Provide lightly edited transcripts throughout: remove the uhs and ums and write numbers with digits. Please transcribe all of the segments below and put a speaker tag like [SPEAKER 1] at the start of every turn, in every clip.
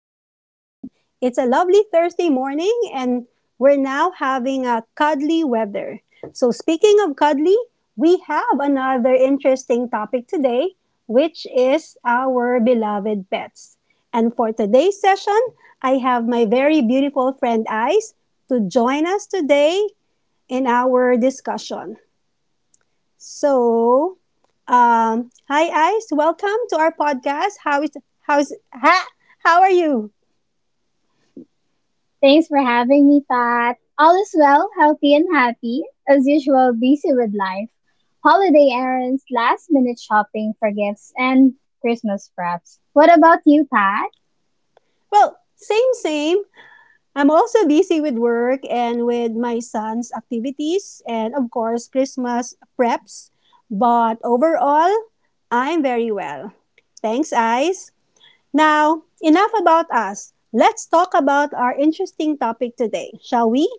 [SPEAKER 1] talk to you again. It's a lovely Thursday morning and we're now having a cuddly weather. So speaking of cuddly, we have another interesting topic today, which is our beloved pets. And for today's session, I have my very beautiful friend Ice to join us today in our discussion. So, hi Ice, welcome to our podcast. How is how's ha? How are you?
[SPEAKER 2] Thanks for having me, Pat. All is well, healthy and happy, as usual, busy with life. Holiday errands, last minute shopping for gifts, and Christmas preps. What about you, Pat?
[SPEAKER 1] Well, same, same. I'm also busy with work and with my son's activities and of course Christmas preps. But overall, I'm very well. Thanks, Ice. Now, enough about us. Let's talk about our interesting topic today, shall we?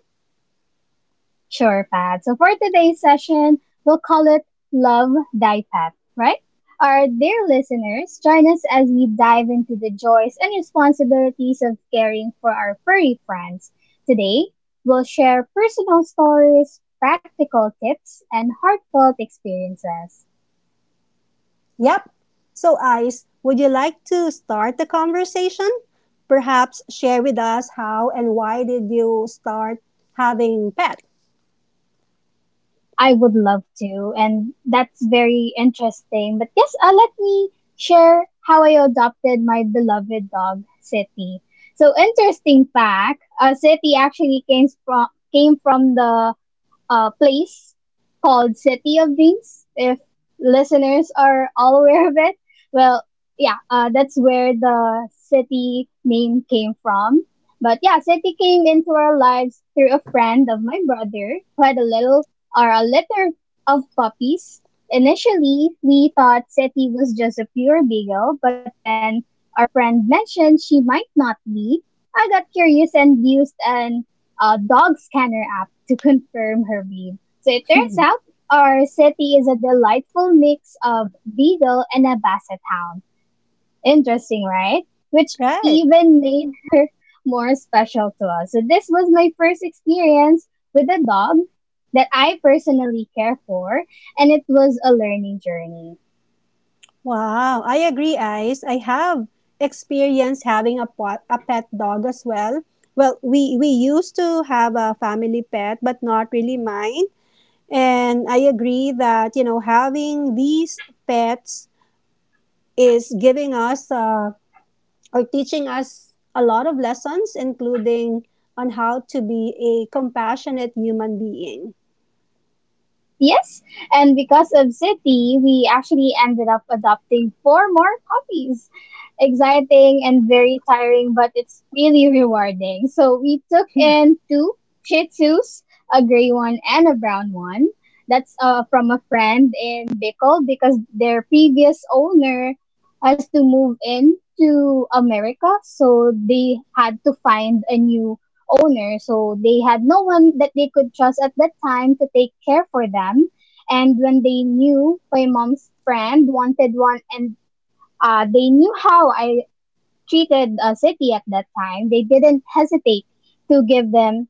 [SPEAKER 2] Sure, Pat. So for today's session, we'll call it Love Thy Pat, right? Our dear listeners, join us as we dive into the joys and responsibilities of caring for our furry friends. Today, we'll share personal stories, practical tips, and heartfelt experiences.
[SPEAKER 1] Yep. So, Ice, would you like to start the conversation? Perhaps share with us how and why did you start having pet.
[SPEAKER 2] I would love to, and that's very interesting. But yes, let me share how I adopted my beloved dog, City. So, interesting fact: City actually came from the place called City of Dreams. If listeners are all aware of it, well, yeah, that's where the city name came from. But yeah, city came into our lives through a friend of my brother who had a little or a litter of puppies. Initially, we thought Seti was just a pure beagle, but when our friend mentioned she might not be, I got curious and used an a dog scanner app to confirm her breed. So it turns out our city is a delightful mix of beagle and a basset hound. Interesting, right? Which
[SPEAKER 1] Right.
[SPEAKER 2] even made her more special to us. So this was my first experience with a dog that I personally care for, and it was a learning journey.
[SPEAKER 1] Wow, I agree, Ice. I have experience having a pet dog as well. Well, we used to have a family pet but not really mine. And I agree that having these pets is giving us or teaching us a lot of lessons, including on how to be a compassionate human being.
[SPEAKER 2] Yes, and because of City, we actually ended up adopting four more puppies. Exciting and very tiring, but it's really rewarding. So we took in two Shih Tzus, a gray one and a brown one. That's from a friend in Bicol because their previous owner has to move in to America, so they had to find a new owner, so they had no one that they could trust at that time to take care for them. And when they knew my mom's friend wanted one, and they knew how I treated a city at that time, they didn't hesitate to give them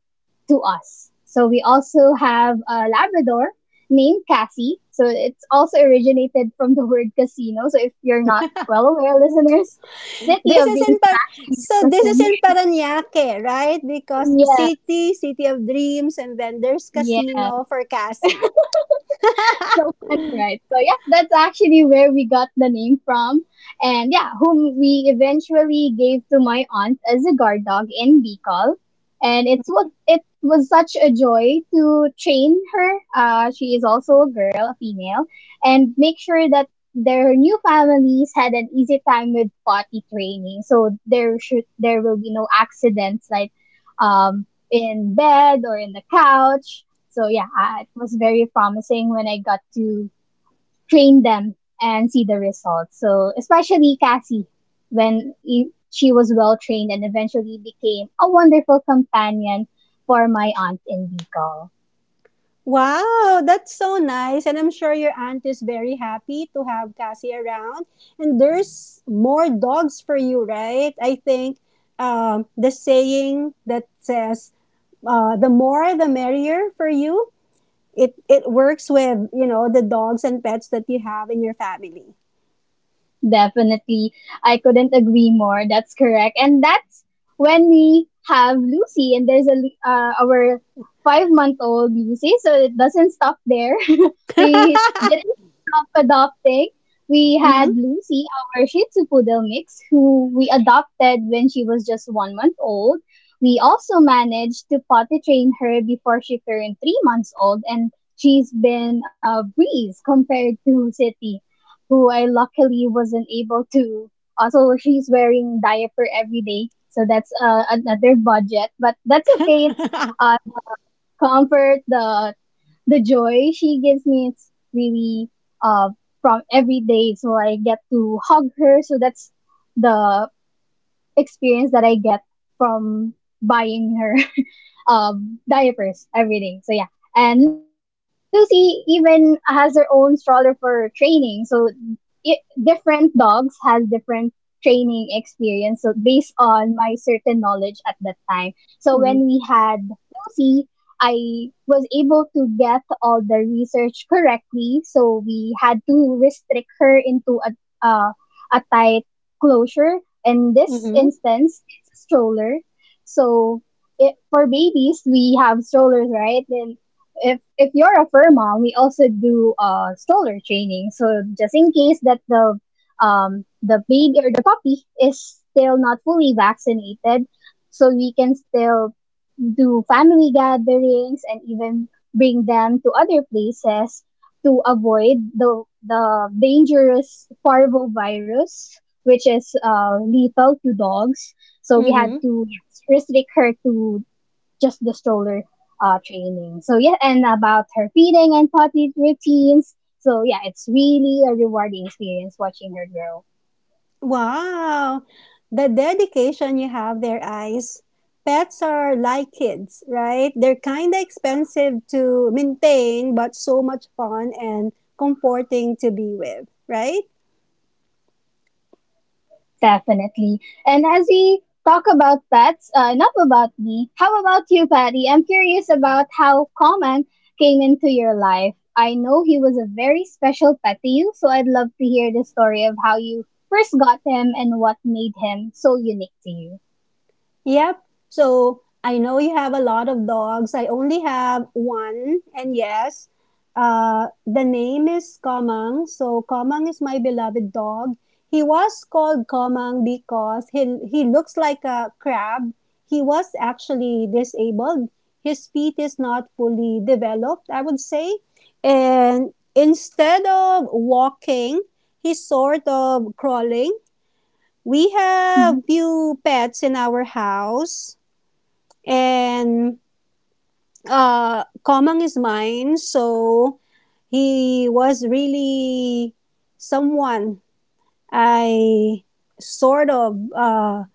[SPEAKER 2] to us. So we also have a Labrador named Cassie. So it's also originated from the word casino. So if you're not well aware, listeners, City
[SPEAKER 1] This
[SPEAKER 2] of
[SPEAKER 1] is in
[SPEAKER 2] Dreams is
[SPEAKER 1] Par-
[SPEAKER 2] actually a
[SPEAKER 1] So this is
[SPEAKER 2] casino.
[SPEAKER 1] in Paranaque, right? Because
[SPEAKER 2] Yes.
[SPEAKER 1] city, City of Dreams, and then there's casino for
[SPEAKER 2] Yes.
[SPEAKER 1] Cassie.
[SPEAKER 2] So funny, right? So yeah, that's actually where we got the name from. And yeah, whom we eventually gave to my aunt as a guard dog in Bicol. And it was such a joy to train her. She is also a girl, a female, and make sure that their new families had an easy time with potty training. So there should there will be no accidents like um in bed or in the couch. So yeah, it was very promising when I got to train them and see the results. So especially Cassie, she was well trained and eventually became a wonderful companion for my aunt in Bicol.
[SPEAKER 1] Wow, that's so nice. And I'm sure your aunt is very happy to have Cassie around. And there's more dogs for you, right? I think the saying that says the more the merrier for you. It works with, you know, the dogs and pets that you have in your family.
[SPEAKER 2] Definitely. I couldn't agree more. That's correct. And that's when we have Lucy, and our 5 month old Lucy. So it doesn't stop there. We didn't stop adopting. We had Lucy, our Shih Tzu poodle mix, who we adopted when she was just 1 month old. We also managed to potty train her before she turned 3 months old, and she's been a breeze compared to City who I luckily wasn't able to. Also, she's wearing diaper every day, so that's another budget. But that's okay. It's the comfort, the joy she gives me. It's really uh, from every day, so I get to hug her. So that's the experience that I get from buying her diapers every day. So yeah. And Lucy even has her own stroller for training, so different dogs has different training experience, so based on my certain knowledge at that time, so when
[SPEAKER 1] Mm-hmm.
[SPEAKER 2] we had Lucy, I was able to get all the research correctly, so we had to restrict her into uh, a tight closure. In this
[SPEAKER 1] Mm-hmm.
[SPEAKER 2] instance, it's a stroller. So it, for babies we have strollers, right? Then if you're a fur mom, we also do stroller training. So just in case that the baby or the puppy is still not fully vaccinated, so we can still do family gatherings and even bring them to other places to avoid the dangerous parvo virus, which is lethal to dogs. So we had
[SPEAKER 1] Mhm.
[SPEAKER 2] to, yes, restrict her to just the stroller training. So yeah, and about her feeding and potty routines. So yeah, it's really a rewarding experience watching her grow.
[SPEAKER 1] Wow. The dedication you have there, eyes. Pets are like kids, right? They're kind of expensive to maintain, but so much fun and comforting to be with, right?
[SPEAKER 2] Definitely. And as we talk about pets, enough about me. How about you, Patty? I'm curious about how Common came into your life. I know he was a very special pet to you, so I'd love to hear the story of how you first got him and what made him so unique to you.
[SPEAKER 1] Yep. So I know you have a lot of dogs. I only have one. And yes, the name is Komang. So Komang is my beloved dog. He was called Komang because he looks like a crab. He was actually disabled. His feet is not fully developed, I would say. And instead of walking, he's sort of crawling. We
[SPEAKER 2] Mhm.
[SPEAKER 1] have few pets in our house and Komang is mine. So he was really someone I sort of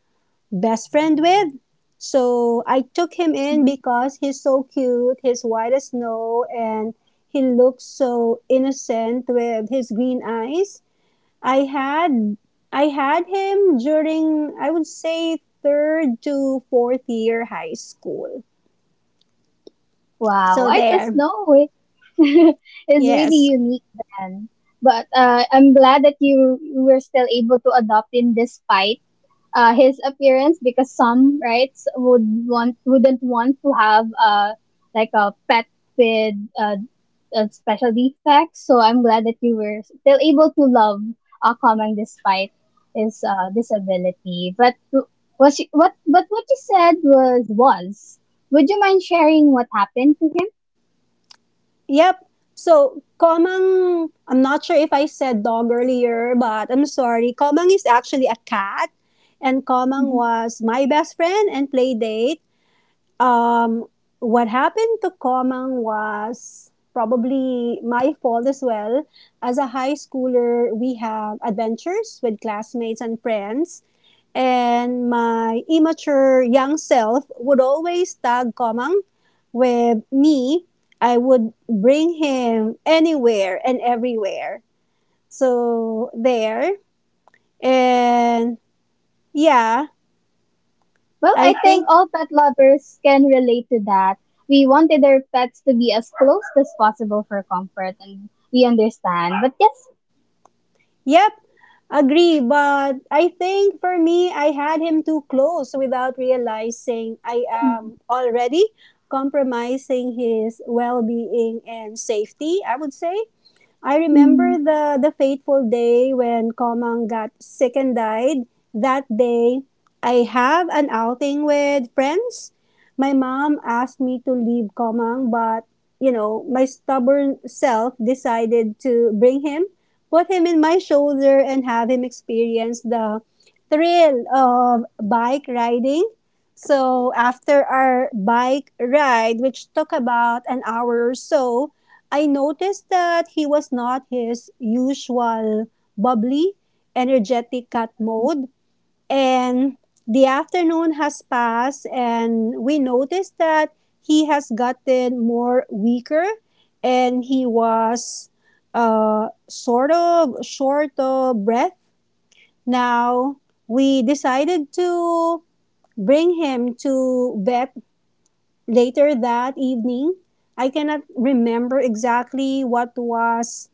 [SPEAKER 1] best friend with. So I took him in because he's so cute. He's white as snow and he looks so innocent with his green eyes. I had I had him during, I would say, third to fourth year high school.
[SPEAKER 2] Wow,
[SPEAKER 1] So
[SPEAKER 2] I just
[SPEAKER 1] there.
[SPEAKER 2] know it. It's really
[SPEAKER 1] Yes.
[SPEAKER 2] unique then. But I'm glad that you were still able to adopt him despite his appearance, because some rights wouldn't want to have like a pet with a special defect. So I'm glad that you were still able to love Kamang despite his disability. But what she, what but what you said was was. Would you mind sharing what happened to him?
[SPEAKER 1] Yep. So, Komang, I'm not sure if I said dog earlier, but I'm sorry. Komang is actually a cat, and Komang
[SPEAKER 2] Mhm.
[SPEAKER 1] was my best friend and play date. Um, what happened to Komang was probably my fault as well. As a high schooler, we have adventures with classmates and friends, and my immature young self would always tag Komang with me. I would bring him anywhere and everywhere. So there. And yeah,
[SPEAKER 2] Well,
[SPEAKER 1] I
[SPEAKER 2] I think
[SPEAKER 1] think,
[SPEAKER 2] all pet lovers can relate to that. We wanted our pets to be as close as possible for comfort, and we understand. But yes,
[SPEAKER 1] yep, agree. But I think for me, I had him too close without realizing I am
[SPEAKER 2] Mm,
[SPEAKER 1] already compromising his well being and safety, I would say. I
[SPEAKER 2] mm,
[SPEAKER 1] remember the fateful day when Komang got sick and died. That day, I have an outing with friends. My mom asked me to leave Komang, but, my stubborn self decided to bring him, put him in my shoulder, and have him experience the thrill of bike riding. So after our bike ride, which took about an hour or so, I noticed that he was not his usual bubbly, energetic cat
[SPEAKER 2] mm,
[SPEAKER 1] mode. And the afternoon has passed, and we noticed that he has gotten more weaker and he was sort of short of breath. Now, we decided to bring him to vet later that evening. I cannot remember exactly what was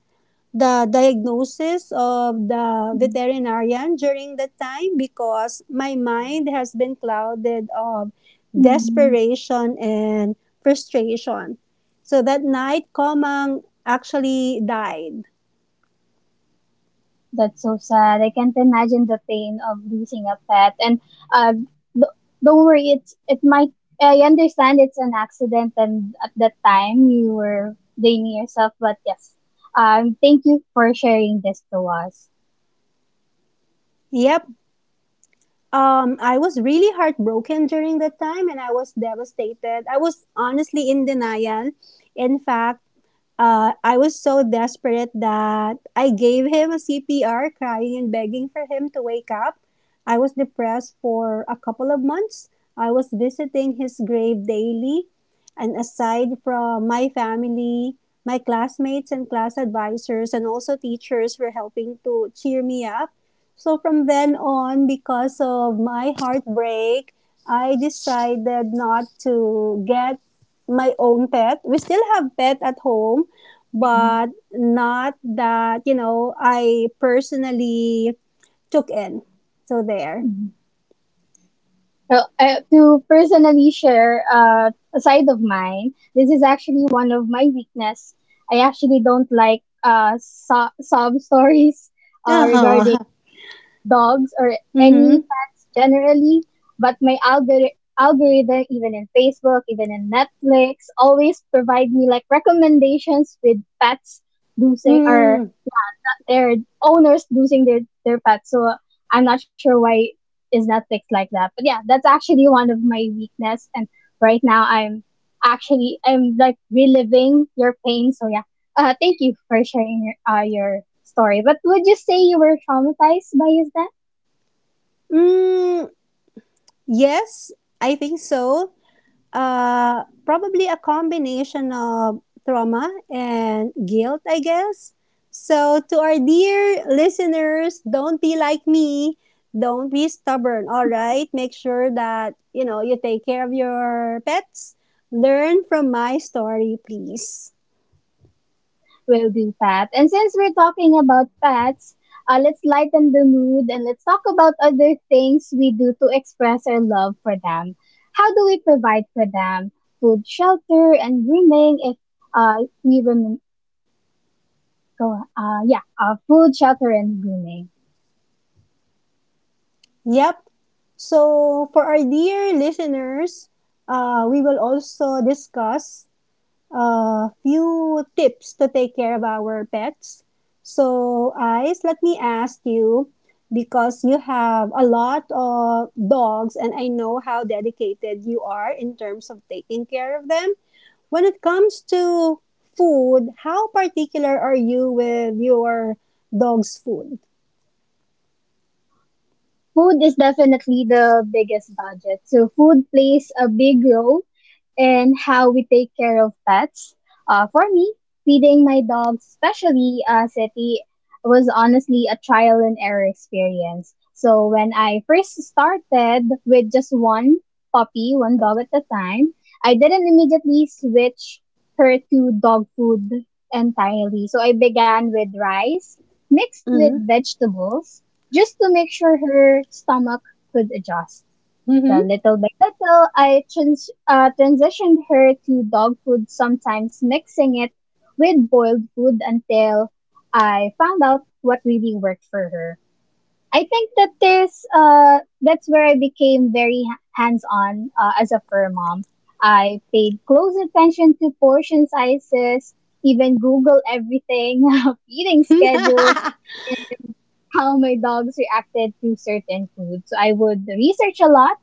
[SPEAKER 1] the diagnosis of the
[SPEAKER 2] mm,
[SPEAKER 1] veterinarian during that time because my mind has been clouded of
[SPEAKER 2] mm.
[SPEAKER 1] desperation and frustration. So that night, Komang actually died.
[SPEAKER 2] that's so sad. I can't imagine the pain of losing a pet. And uh, th- don't worry, it's it might. I understand it's an accident, and at that time you were blaming yourself. But yes, thank you for sharing this to us.
[SPEAKER 1] Yep. I was really heartbroken during that time and I was devastated. I was honestly in denial. In fact, I was so desperate that I gave him a CPR, crying and begging for him to wake up. I was depressed for a couple of months. I was visiting his grave daily. And aside from my family, my classmates and class advisors, and also teachers, were helping to cheer me up. So from then on, because of my heartbreak, I decided not to get my own pet. We still have pet at home,
[SPEAKER 2] Mhm.
[SPEAKER 1] but not that, I personally took in. So there.
[SPEAKER 2] Mhm. So, to personally share a side of mine, this is actually one of my weakness. I actually don't like sob stories
[SPEAKER 1] Uh-huh.
[SPEAKER 2] regarding dogs or
[SPEAKER 1] Mm-hmm.
[SPEAKER 2] any pets generally. But my algorithm, even in Facebook, even in Netflix, always provide me like recommendations with pets losing or
[SPEAKER 1] Mm,
[SPEAKER 2] yeah, their owners losing their pets. So I'm not sure why is Netflix like that. But yeah, that's actually one of my weakness. And right now I'm like reliving your pain. So yeah, thank you for sharing your story. But would you say you were traumatized by his death?
[SPEAKER 1] mm, yes, I think so. Probably a combination of trauma and guilt, I guess. So, to our dear listeners, don't be like me. Don't be stubborn, all right? Make sure that, you take care of your pets. Learn from my story, please.
[SPEAKER 2] Will do, Pat. And since we're talking about pets, let's lighten the mood and let's talk about other things we do to express our love for them. How do we provide for them food, shelter, and grooming if we remember. Go on. Yeah, food, shelter, and grooming.
[SPEAKER 1] Yep. So, for our dear listeners, we will also discuss a few tips to take care of our pets. So, Ice, let me ask you because you have a lot of dogs and I know how dedicated you are in terms of taking care of them. When it comes to food, how particular are you with your dog's food?
[SPEAKER 2] Food is definitely the biggest budget. So food plays a big role in how we take care of pets. For me, feeding my dog, especially City, was honestly a trial and error experience. So when I first started with just one puppy, one dog at a time, I didn't immediately switch her to dog food entirely. So I began with rice mixed with
[SPEAKER 1] Mm-hmm.
[SPEAKER 2] vegetables just to make sure her stomach could adjust.
[SPEAKER 1] Mm-hmm.
[SPEAKER 2] So little by little, I transitioned her to dog food, sometimes mixing it with boiled food until I found out what really worked for her. I think that that's where I became very hands on as a fur mom. I paid close attention to portion sizes, even Google everything, feeding schedules, and how my dogs reacted to certain foods. So I would research a lot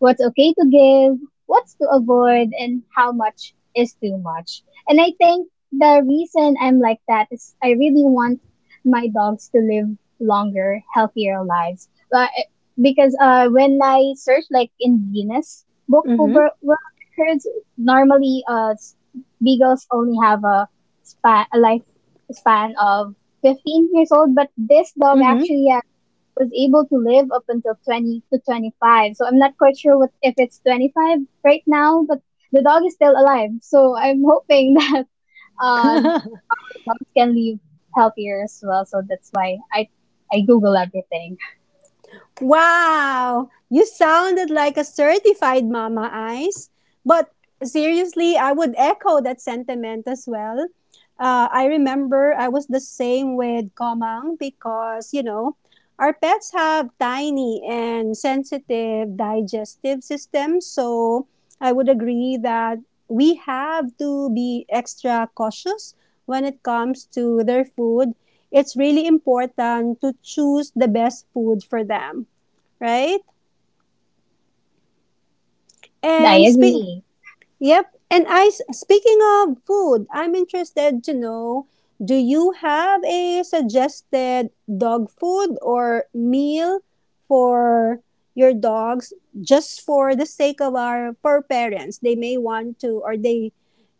[SPEAKER 2] what's okay to give, what's to avoid, and how much is too much. And I think the reason I'm like that is I really want my dogs to live longer, healthier lives. But eh, because when I search like in Guinness Book of
[SPEAKER 1] Mm-hmm.
[SPEAKER 2] World Records, normally beagles only have a life span of 15 years old, but this dog
[SPEAKER 1] Mm-hmm.
[SPEAKER 2] actually had was able to live up until 20 to 25. So I'm not quite sure what if it's 25 right now, but the dog is still alive. So I'm hoping that uh, our dogs can live healthier as well. So that's why I Google everything.
[SPEAKER 1] Wow, you sounded like a certified mama eyes. But seriously, I would echo that sentiment as well. I remember I was the same with Komang because, our pets have tiny and sensitive digestive systems. So I would agree that we have to be extra cautious when it comes to their food. It's really important to choose the best food for them, right?
[SPEAKER 2] I
[SPEAKER 1] And speak,
[SPEAKER 2] agree.
[SPEAKER 1] yep. And I Speaking of food, I'm interested to know, do you have a suggested dog food or meal for your dogs, just for the sake of our, for parents? They may want to, or they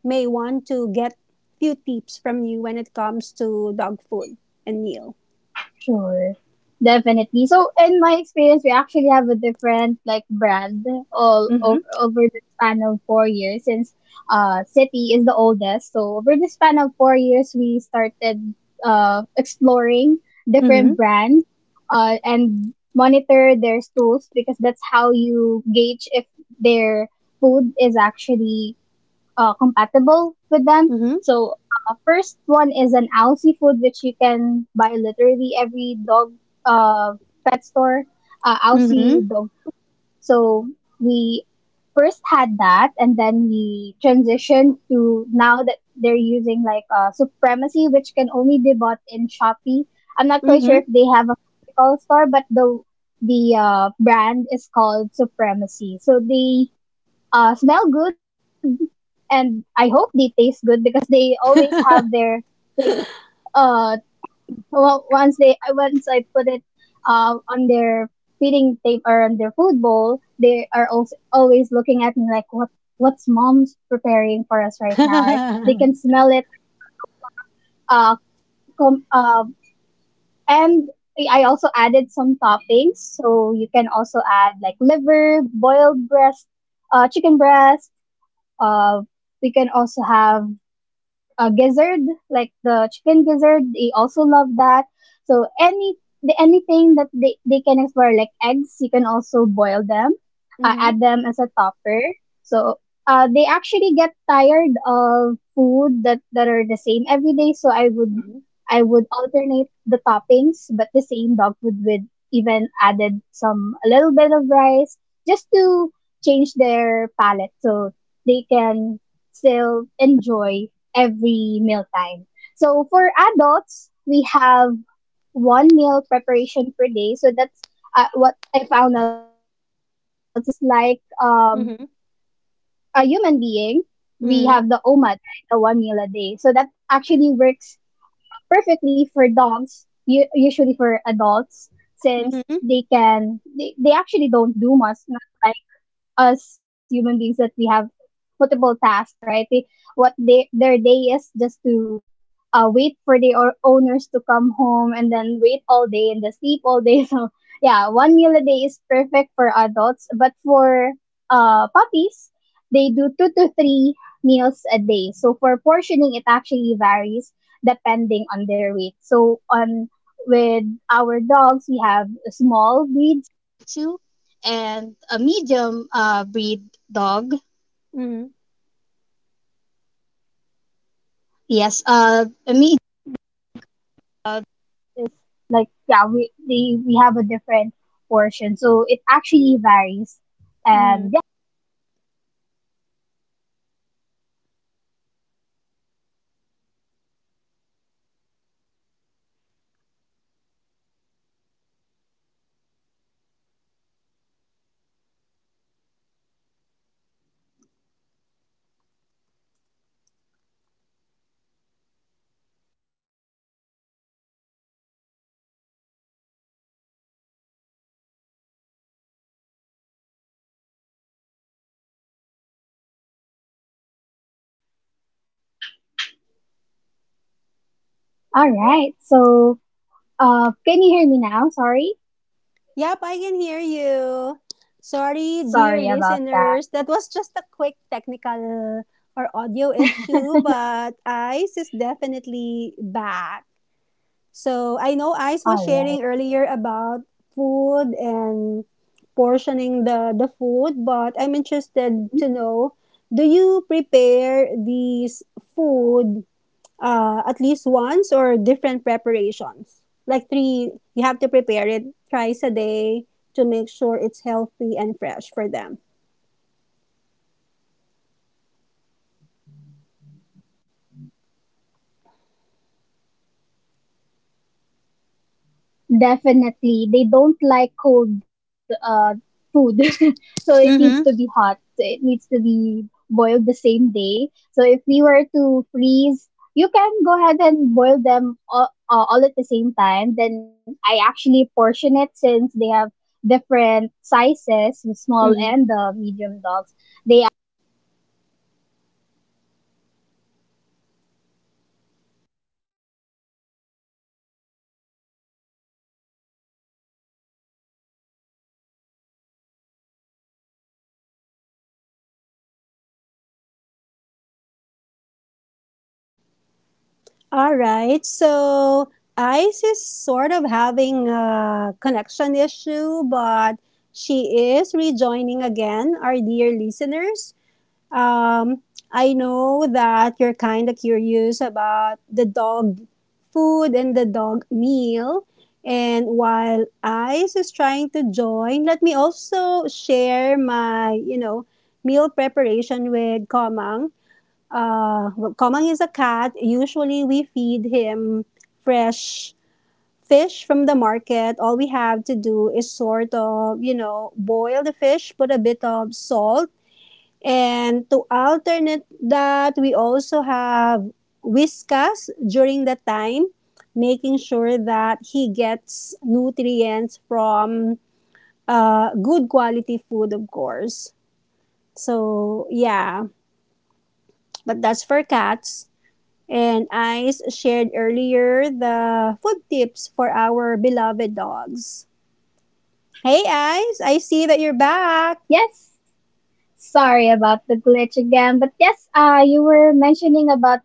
[SPEAKER 1] may want to get few tips from you when it comes to dog food and meal.
[SPEAKER 2] Sure. Definitely. So, in my experience, we actually have a different like brand all
[SPEAKER 1] Mm-hmm.
[SPEAKER 2] over, over the span of 4 years since City is the oldest. So, over the span of 4 years, we started exploring
[SPEAKER 1] Mm-hmm.
[SPEAKER 2] different brands and monitor their stools because that's how you gauge if their food is actually compatible with them.
[SPEAKER 1] Mm-hmm.
[SPEAKER 2] So, first one is an owl seafood, which you can buy literally every dog uh, pet store,
[SPEAKER 1] Mm-hmm.
[SPEAKER 2] Aussie dog food. So, we first had that, and then we transitioned to now that they're using Supremacy, which can only be bought in Shopee. I'm not quite sure
[SPEAKER 1] Mm-hmm.
[SPEAKER 2] if they have a physical store, but the brand is called Supremacy. So they smell good and I hope they taste good because they always have their plates uh, empty. Well, once I put it on their feeding tape or on their food bowl, they are also always looking at me like what's mom's preparing for us right now. Right? They can smell it like the aroma. Uh, com- uh, and I also added some toppings, so you can also add like liver, boiled breast, chicken breast uh, we can also have gizzard, like the chicken gizzard. They also love that. So anything that they can explore, like eggs, you can also boil them,
[SPEAKER 1] Mm-hmm.
[SPEAKER 2] add them as a topper. So they actually get tired of food that are the same every day. So
[SPEAKER 1] Mm-hmm.
[SPEAKER 2] I would alternate the toppings, but the same dog food with even added some a little bit of rice just to change their palate so they can still enjoy every mealtime. So for adults, we have one meal preparation per day. So that's what I found out. So just like
[SPEAKER 1] Mm-hmm.
[SPEAKER 2] a human being, we have the OMAD, right? The one meal a day. So that actually works perfectly for dogs, usually for adults, since
[SPEAKER 1] Mm-hmm.
[SPEAKER 2] they actually don't do much, not like us human beings that we have multiple tasks, right? Their day is just to wait for their owners to come home and then wait all day and then sleep all day. So yeah, one meal a day is perfect for adults, but for puppies, they do two to three meals a day. So for portioning, it actually varies depending on their weight. So on with our dogs, we have small.
[SPEAKER 1] Mm-hmm. Mm.
[SPEAKER 2] All right. So, can you hear me now? Sorry.
[SPEAKER 1] Yep, I can hear you. Sorry, dear
[SPEAKER 2] Sorry about that.
[SPEAKER 1] listeners. That was just a quick technical or audio issue, but Ice is definitely back. So I know Ice
[SPEAKER 2] All
[SPEAKER 1] was
[SPEAKER 2] right.
[SPEAKER 1] sharing earlier about food and portioning the food, but I'm interested
[SPEAKER 2] Mm-hmm.
[SPEAKER 1] to know, do you prepare these food at least once or different preparations? Like three, you have to prepare it thrice a day to make sure it's healthy and fresh for them.
[SPEAKER 2] Definitely. They don't like cold food. So it needs to be hot.
[SPEAKER 1] Mm-hmm.
[SPEAKER 2] It needs to be boiled the same day. So if we were to freeze, you can go ahead and boil them all at the same time. Then I actually portion it since they have different sizes, the small
[SPEAKER 1] Mm-hmm.
[SPEAKER 2] and the medium dogs. They actually also have different grams where you can only give them. Because if I accidentally give them more liver than the recommended uh, portion for the small breeds, and they actually threw up. So that's another uh,
[SPEAKER 1] All
[SPEAKER 2] heartbreak for
[SPEAKER 1] right.
[SPEAKER 2] me. So
[SPEAKER 1] So Ice is sort of having a connection issue, but she is rejoining again, our dear listeners. Um, I know that you're kind of curious about the dog food and the dog meal. And while Ice is trying to join, let me also share my, meal preparation with Komang. Well, Komang is a cat. Usually we feed him fresh fish from the market. All we have to do is sort of, boil the fish, put a bit of salt, and to alternate that, we also have Whiskas during the time, making sure that he gets nutrients from good quality food, of course. So, yeah, but that's for cats. And I shared earlier the food tips for our beloved dogs. Hey, Ice, I see that you're back.
[SPEAKER 2] yes, sorry about the glitch again, but yes, you were mentioning about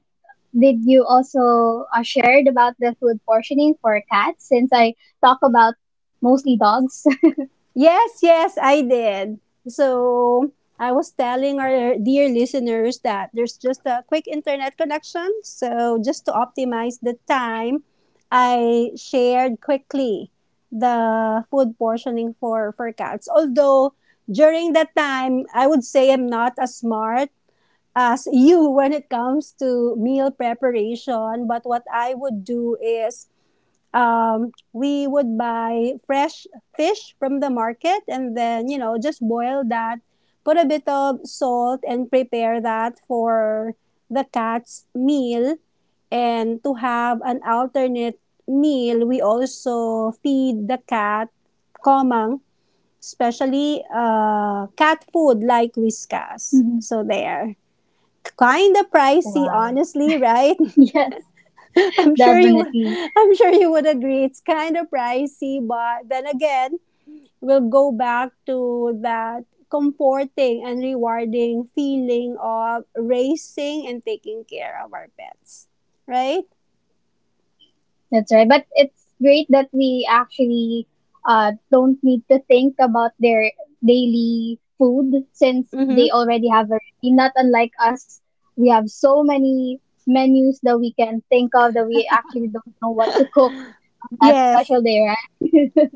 [SPEAKER 2] did you also shared about the food portioning for cats since I talk about mostly dogs.
[SPEAKER 1] Yes, yes, I did. So I was telling our dear listeners that there's just a quick internet connection. So just to optimize the time, I shared quickly the food portioning for cats. Although during that time, I would say I'm not as smart as you when it comes to meal preparation. But what I would do is, we would buy fresh fish from the market and then, just boil that, put a bit of salt and prepare that for the cat's meal. And to have an alternate meal, we also feed the cat Komang, especially cat food like Whiskas.
[SPEAKER 2] Mhm.
[SPEAKER 1] So there. Kinda pricey,
[SPEAKER 2] Wow.
[SPEAKER 1] honestly, right?
[SPEAKER 2] Yes,
[SPEAKER 1] I'm sure you would
[SPEAKER 2] definitely.
[SPEAKER 1] I'm sure you would agree it's kind of pricey, but then again, we'll go back to that comforting and rewarding feeling of raising and taking care of our pets. Right?
[SPEAKER 2] That's right. But it's great that we actually don't need to think about their daily food since
[SPEAKER 1] Mm-hmm.
[SPEAKER 2] they already have a routine. Not unlike us, we have so many menus that we can think of that we actually don't know what to cook on that
[SPEAKER 1] Yes.
[SPEAKER 2] special day, right?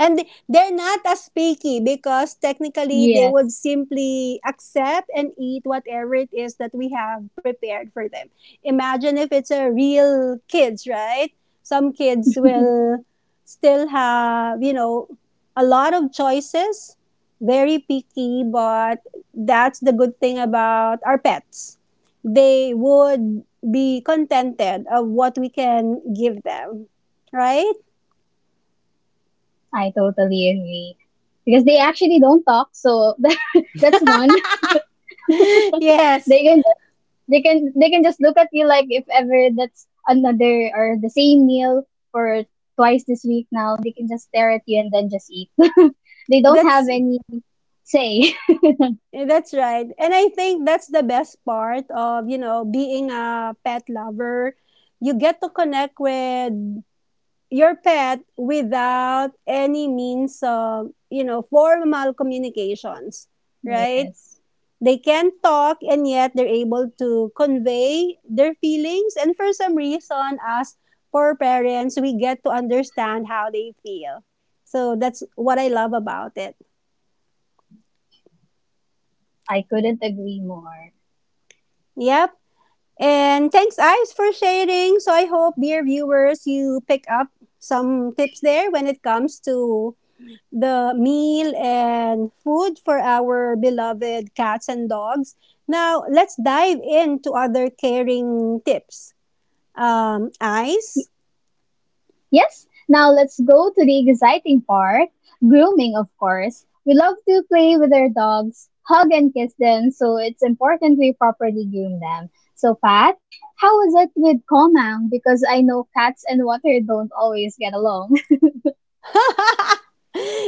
[SPEAKER 1] And they're not as picky because technically they would
[SPEAKER 2] Yes,
[SPEAKER 1] simply accept and eat whatever it is that we have prepared for them. Imagine if it's a real kids, right? Some kids will still have, a lot of choices, very picky, but that's the good thing about our pets. They would be contented of what we can give them, right?
[SPEAKER 2] I totally agree. Because they actually don't talk, so that's one.
[SPEAKER 1] Yes.
[SPEAKER 2] They can just they can just look at you like if ever that's another or the same meal for twice this week. Now they can just stare at you and then just eat. They don't have
[SPEAKER 1] that's
[SPEAKER 2] any say.
[SPEAKER 1] Yeah, that's right. And I think that's the best part of, being a pet lover. You get to connect with your pet without any means of, formal communications, right?
[SPEAKER 2] Yes,
[SPEAKER 1] They can talk and yet they're able to convey their feelings. And for some reason, as for parents, we get to understand how they feel. So that's what I love about it.
[SPEAKER 2] I couldn't agree more.
[SPEAKER 1] Yep. And thanks, Ives, for sharing. So I hope, dear viewers, you pick up some tips there when it comes to the meal and food for our beloved cats and dogs. Now, let's dive into other caring tips. Ice,
[SPEAKER 2] Yes, now let's go to the exciting part, grooming, of course. We love to play with our dogs, hug and kiss them, so it's important we properly groom them. So, Pat, how is it with Komang? Because I know cats and water don't always get along.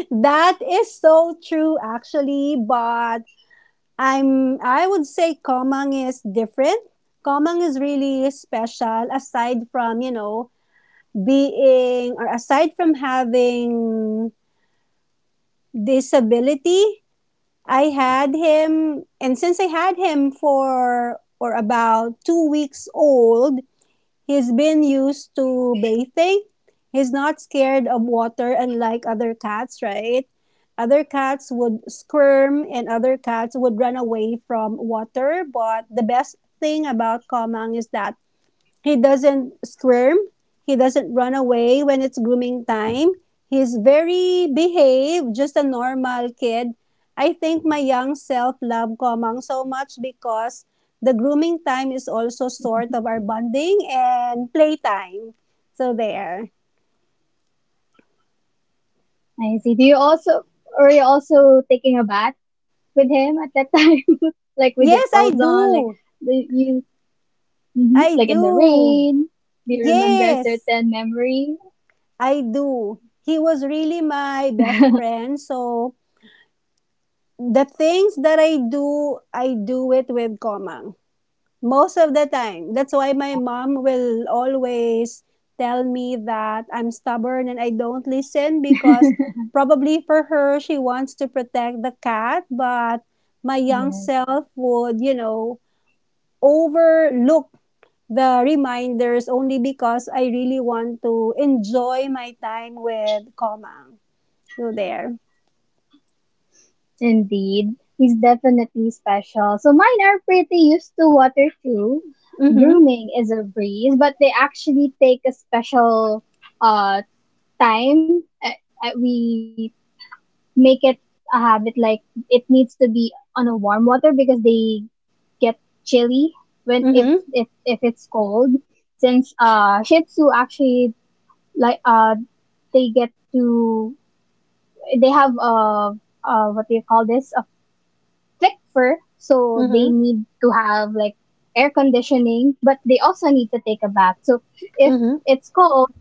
[SPEAKER 1] that is so true, actually, but I would say Komang is different. Komang is really special aside from, you know, being or aside from having disability. I had him, and since I had him for or about 2 weeks old, he's been used to bathing. He's not scared of water unlike other cats, right? Other cats would squirm and other cats would run away from water, but the best thing about Komang is that he doesn't squirm. He doesn't run away when it's grooming time. He's very behaved, just a normal kid. I think my young self loved Komang so much because the grooming time is also sort of our bonding and playtime. So there.
[SPEAKER 2] I see. Are you also taking a bath with him at that time? Like with your
[SPEAKER 1] Yes, I
[SPEAKER 2] clothes on, like
[SPEAKER 1] do.
[SPEAKER 2] do you, mhm,
[SPEAKER 1] I
[SPEAKER 2] like in the
[SPEAKER 1] do.
[SPEAKER 2] rain? Do you remember a
[SPEAKER 1] Yes,
[SPEAKER 2] certain memory?
[SPEAKER 1] I do. He was really my best friend. So the things that I do it with Komang. Most of the time. That's why my mom will always tell me that I'm stubborn and I don't listen because
[SPEAKER 2] Aww.
[SPEAKER 1] probably for her, she wants to protect the cat, but my young
[SPEAKER 2] Yes,
[SPEAKER 1] self would, you know, overlook the reminders only because I really want to enjoy my time with Komang. So there.
[SPEAKER 2] indeed. He's definitely special. So mine are pretty used to water too.
[SPEAKER 1] Mm-hmm.
[SPEAKER 2] Grooming is a breeze, but they actually take a special uh time. We make it a habit like it needs to be on a warm water because they get chilly when
[SPEAKER 1] Mm-hmm.
[SPEAKER 2] if it's cold. Since Shih Tzu actually like uh they get to they have what do you call this, a. thick fur, so
[SPEAKER 1] Mm-hmm.
[SPEAKER 2] they need to have like air conditioning, but they also need to take a bath. So if
[SPEAKER 1] Mm-hmm.
[SPEAKER 2] it's cold,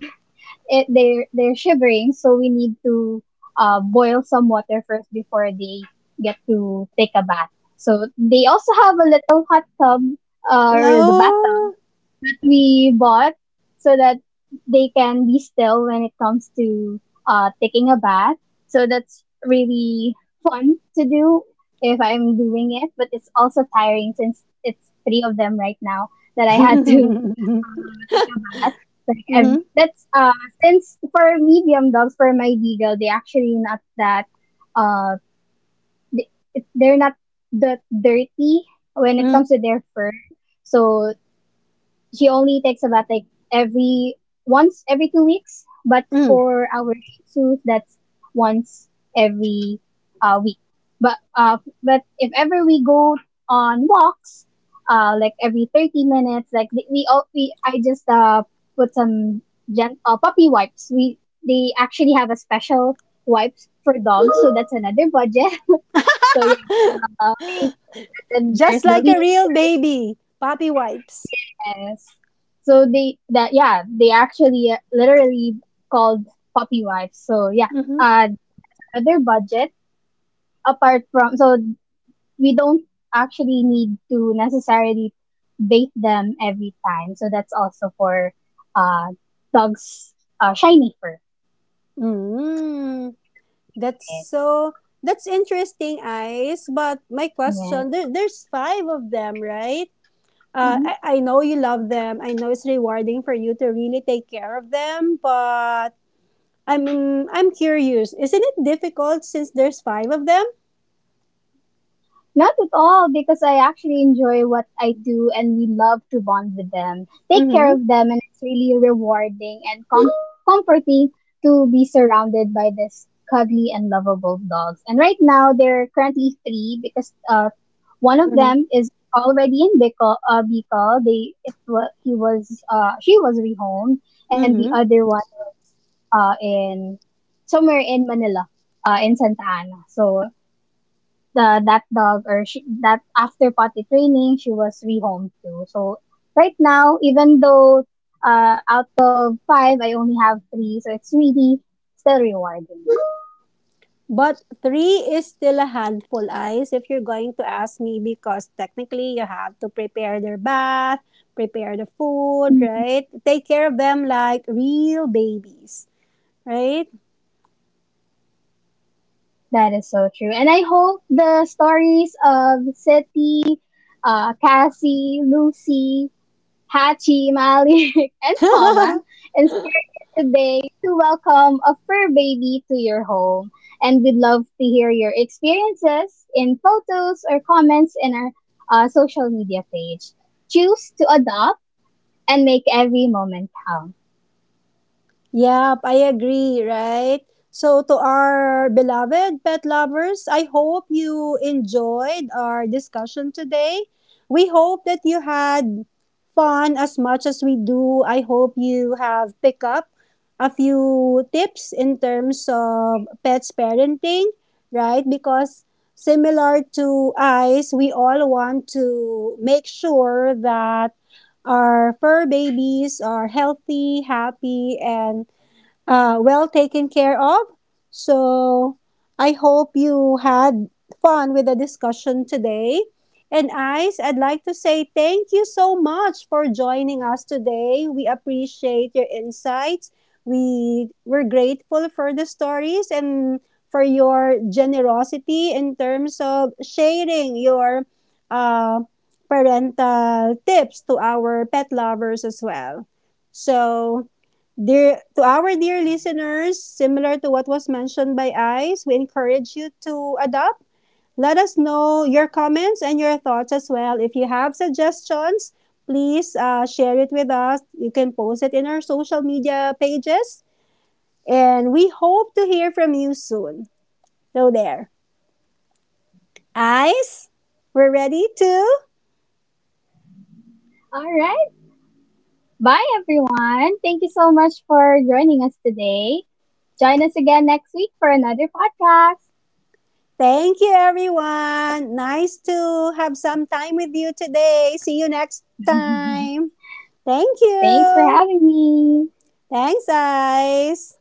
[SPEAKER 2] they're shivering, so we need to boil some water first before they get to take a bath. So they also have a little hot tub or the
[SPEAKER 1] No.
[SPEAKER 2] bathtub that we bought so that they can be still when it comes to taking a bath. So that's really fun to do if I'm doing it, but it's also tiring since it's three of them right now that I had to
[SPEAKER 1] Mm-hmm.
[SPEAKER 2] take a bath like every that's since for medium dogs, for my beagle, they actually not that uh they, they're not that dirty when it
[SPEAKER 1] Mm-hmm.
[SPEAKER 2] comes to their fur. So she only takes a bath like every once every 2 weeks, but for our Shih Tzus, that's once every week. But uh, but if ever we go on walks, like every 30 minutes, like we, all, we I just put some puppy wipes. We they actually have a special wipes for dogs, so that's another budget. So yeah, we and then there's
[SPEAKER 1] Just
[SPEAKER 2] the
[SPEAKER 1] like a
[SPEAKER 2] leash,
[SPEAKER 1] real
[SPEAKER 2] right?
[SPEAKER 1] baby. Puppy wipes.
[SPEAKER 2] Yes. So they that yeah, they actually literally called puppy wives. So yeah,
[SPEAKER 1] Mm-hmm.
[SPEAKER 2] that's another budget apart from so we don't actually need to necessarily bait them every time. So that's also for uh dogs shiny fur
[SPEAKER 1] Mm,
[SPEAKER 2] to
[SPEAKER 1] that's
[SPEAKER 2] maintain
[SPEAKER 1] so, that's interesting, Ice. But my
[SPEAKER 2] it.
[SPEAKER 1] question, there's five of them, right?
[SPEAKER 2] Yes.
[SPEAKER 1] I know you love them. I know it's rewarding for you to really take care of them, but I'm curious. Isn't it difficult since there's five of them?
[SPEAKER 2] Not at all, because I actually enjoy what I do and we love to bond with them, take care
[SPEAKER 1] Mm-hmm.
[SPEAKER 2] of them, and it's really rewarding and comforting to be surrounded by this cuddly and lovable dogs. And right now, there are currently three because one of
[SPEAKER 1] Mm-hmm.
[SPEAKER 2] them is already in Bicol. Bicol. They, it was, he was, she was rehomed, and the
[SPEAKER 1] Mm-hmm.
[SPEAKER 2] other one was in somewhere in Manila, in Santa Ana. So the that dog, that after potty training she was rehomed to. So right now, even though out of five I only have three, so it's really still rewarding.
[SPEAKER 1] But three is still a handful, Ice, if you're going to ask me, because technically you have to prepare their bath, prepare the food,
[SPEAKER 2] Hmm.
[SPEAKER 1] right? Take care of them like real babies, right?
[SPEAKER 2] That is so true, and I hope the stories of City, Cassie, Lucy, Hachi, Malik, and Coman inspired you today to welcome a fur baby to your home. And we'd love to hear your experiences in photos or comments in our social media page. Choose to adopt and make every moment count.
[SPEAKER 1] Yep, I agree, right? So, to our beloved pet lovers, I hope you enjoyed our discussion today. We hope that you had fun as much as we do. I hope you have picked up a few tips in terms of pets parenting, right? Because similar to eyes, we all want to make sure that our fur babies are healthy, happy, and well taken care of. So I hope you had fun with the discussion today. And Ice, I'd like to say thank you so much for joining us today. We appreciate your insights. We were grateful for the stories and for your generosity in terms of sharing your uh, parental tips to our pet lovers as well. So to our dear listeners, similar to what was mentioned by ICE, we encourage you to adopt. Let us know your comments and your thoughts as well. If you have suggestions, please share it with us. You can post it in our social media pages. And we hope to hear from you soon. So, there. ICE, we're ready to.
[SPEAKER 2] All right. Bye, everyone. Thank you so much for joining us today. Join us again next week for another podcast.
[SPEAKER 1] Thank you, everyone. Nice to have some time with you today. See you next time. Thank
[SPEAKER 2] Thanks for
[SPEAKER 1] you.
[SPEAKER 2] having me.
[SPEAKER 1] Thanks, guys.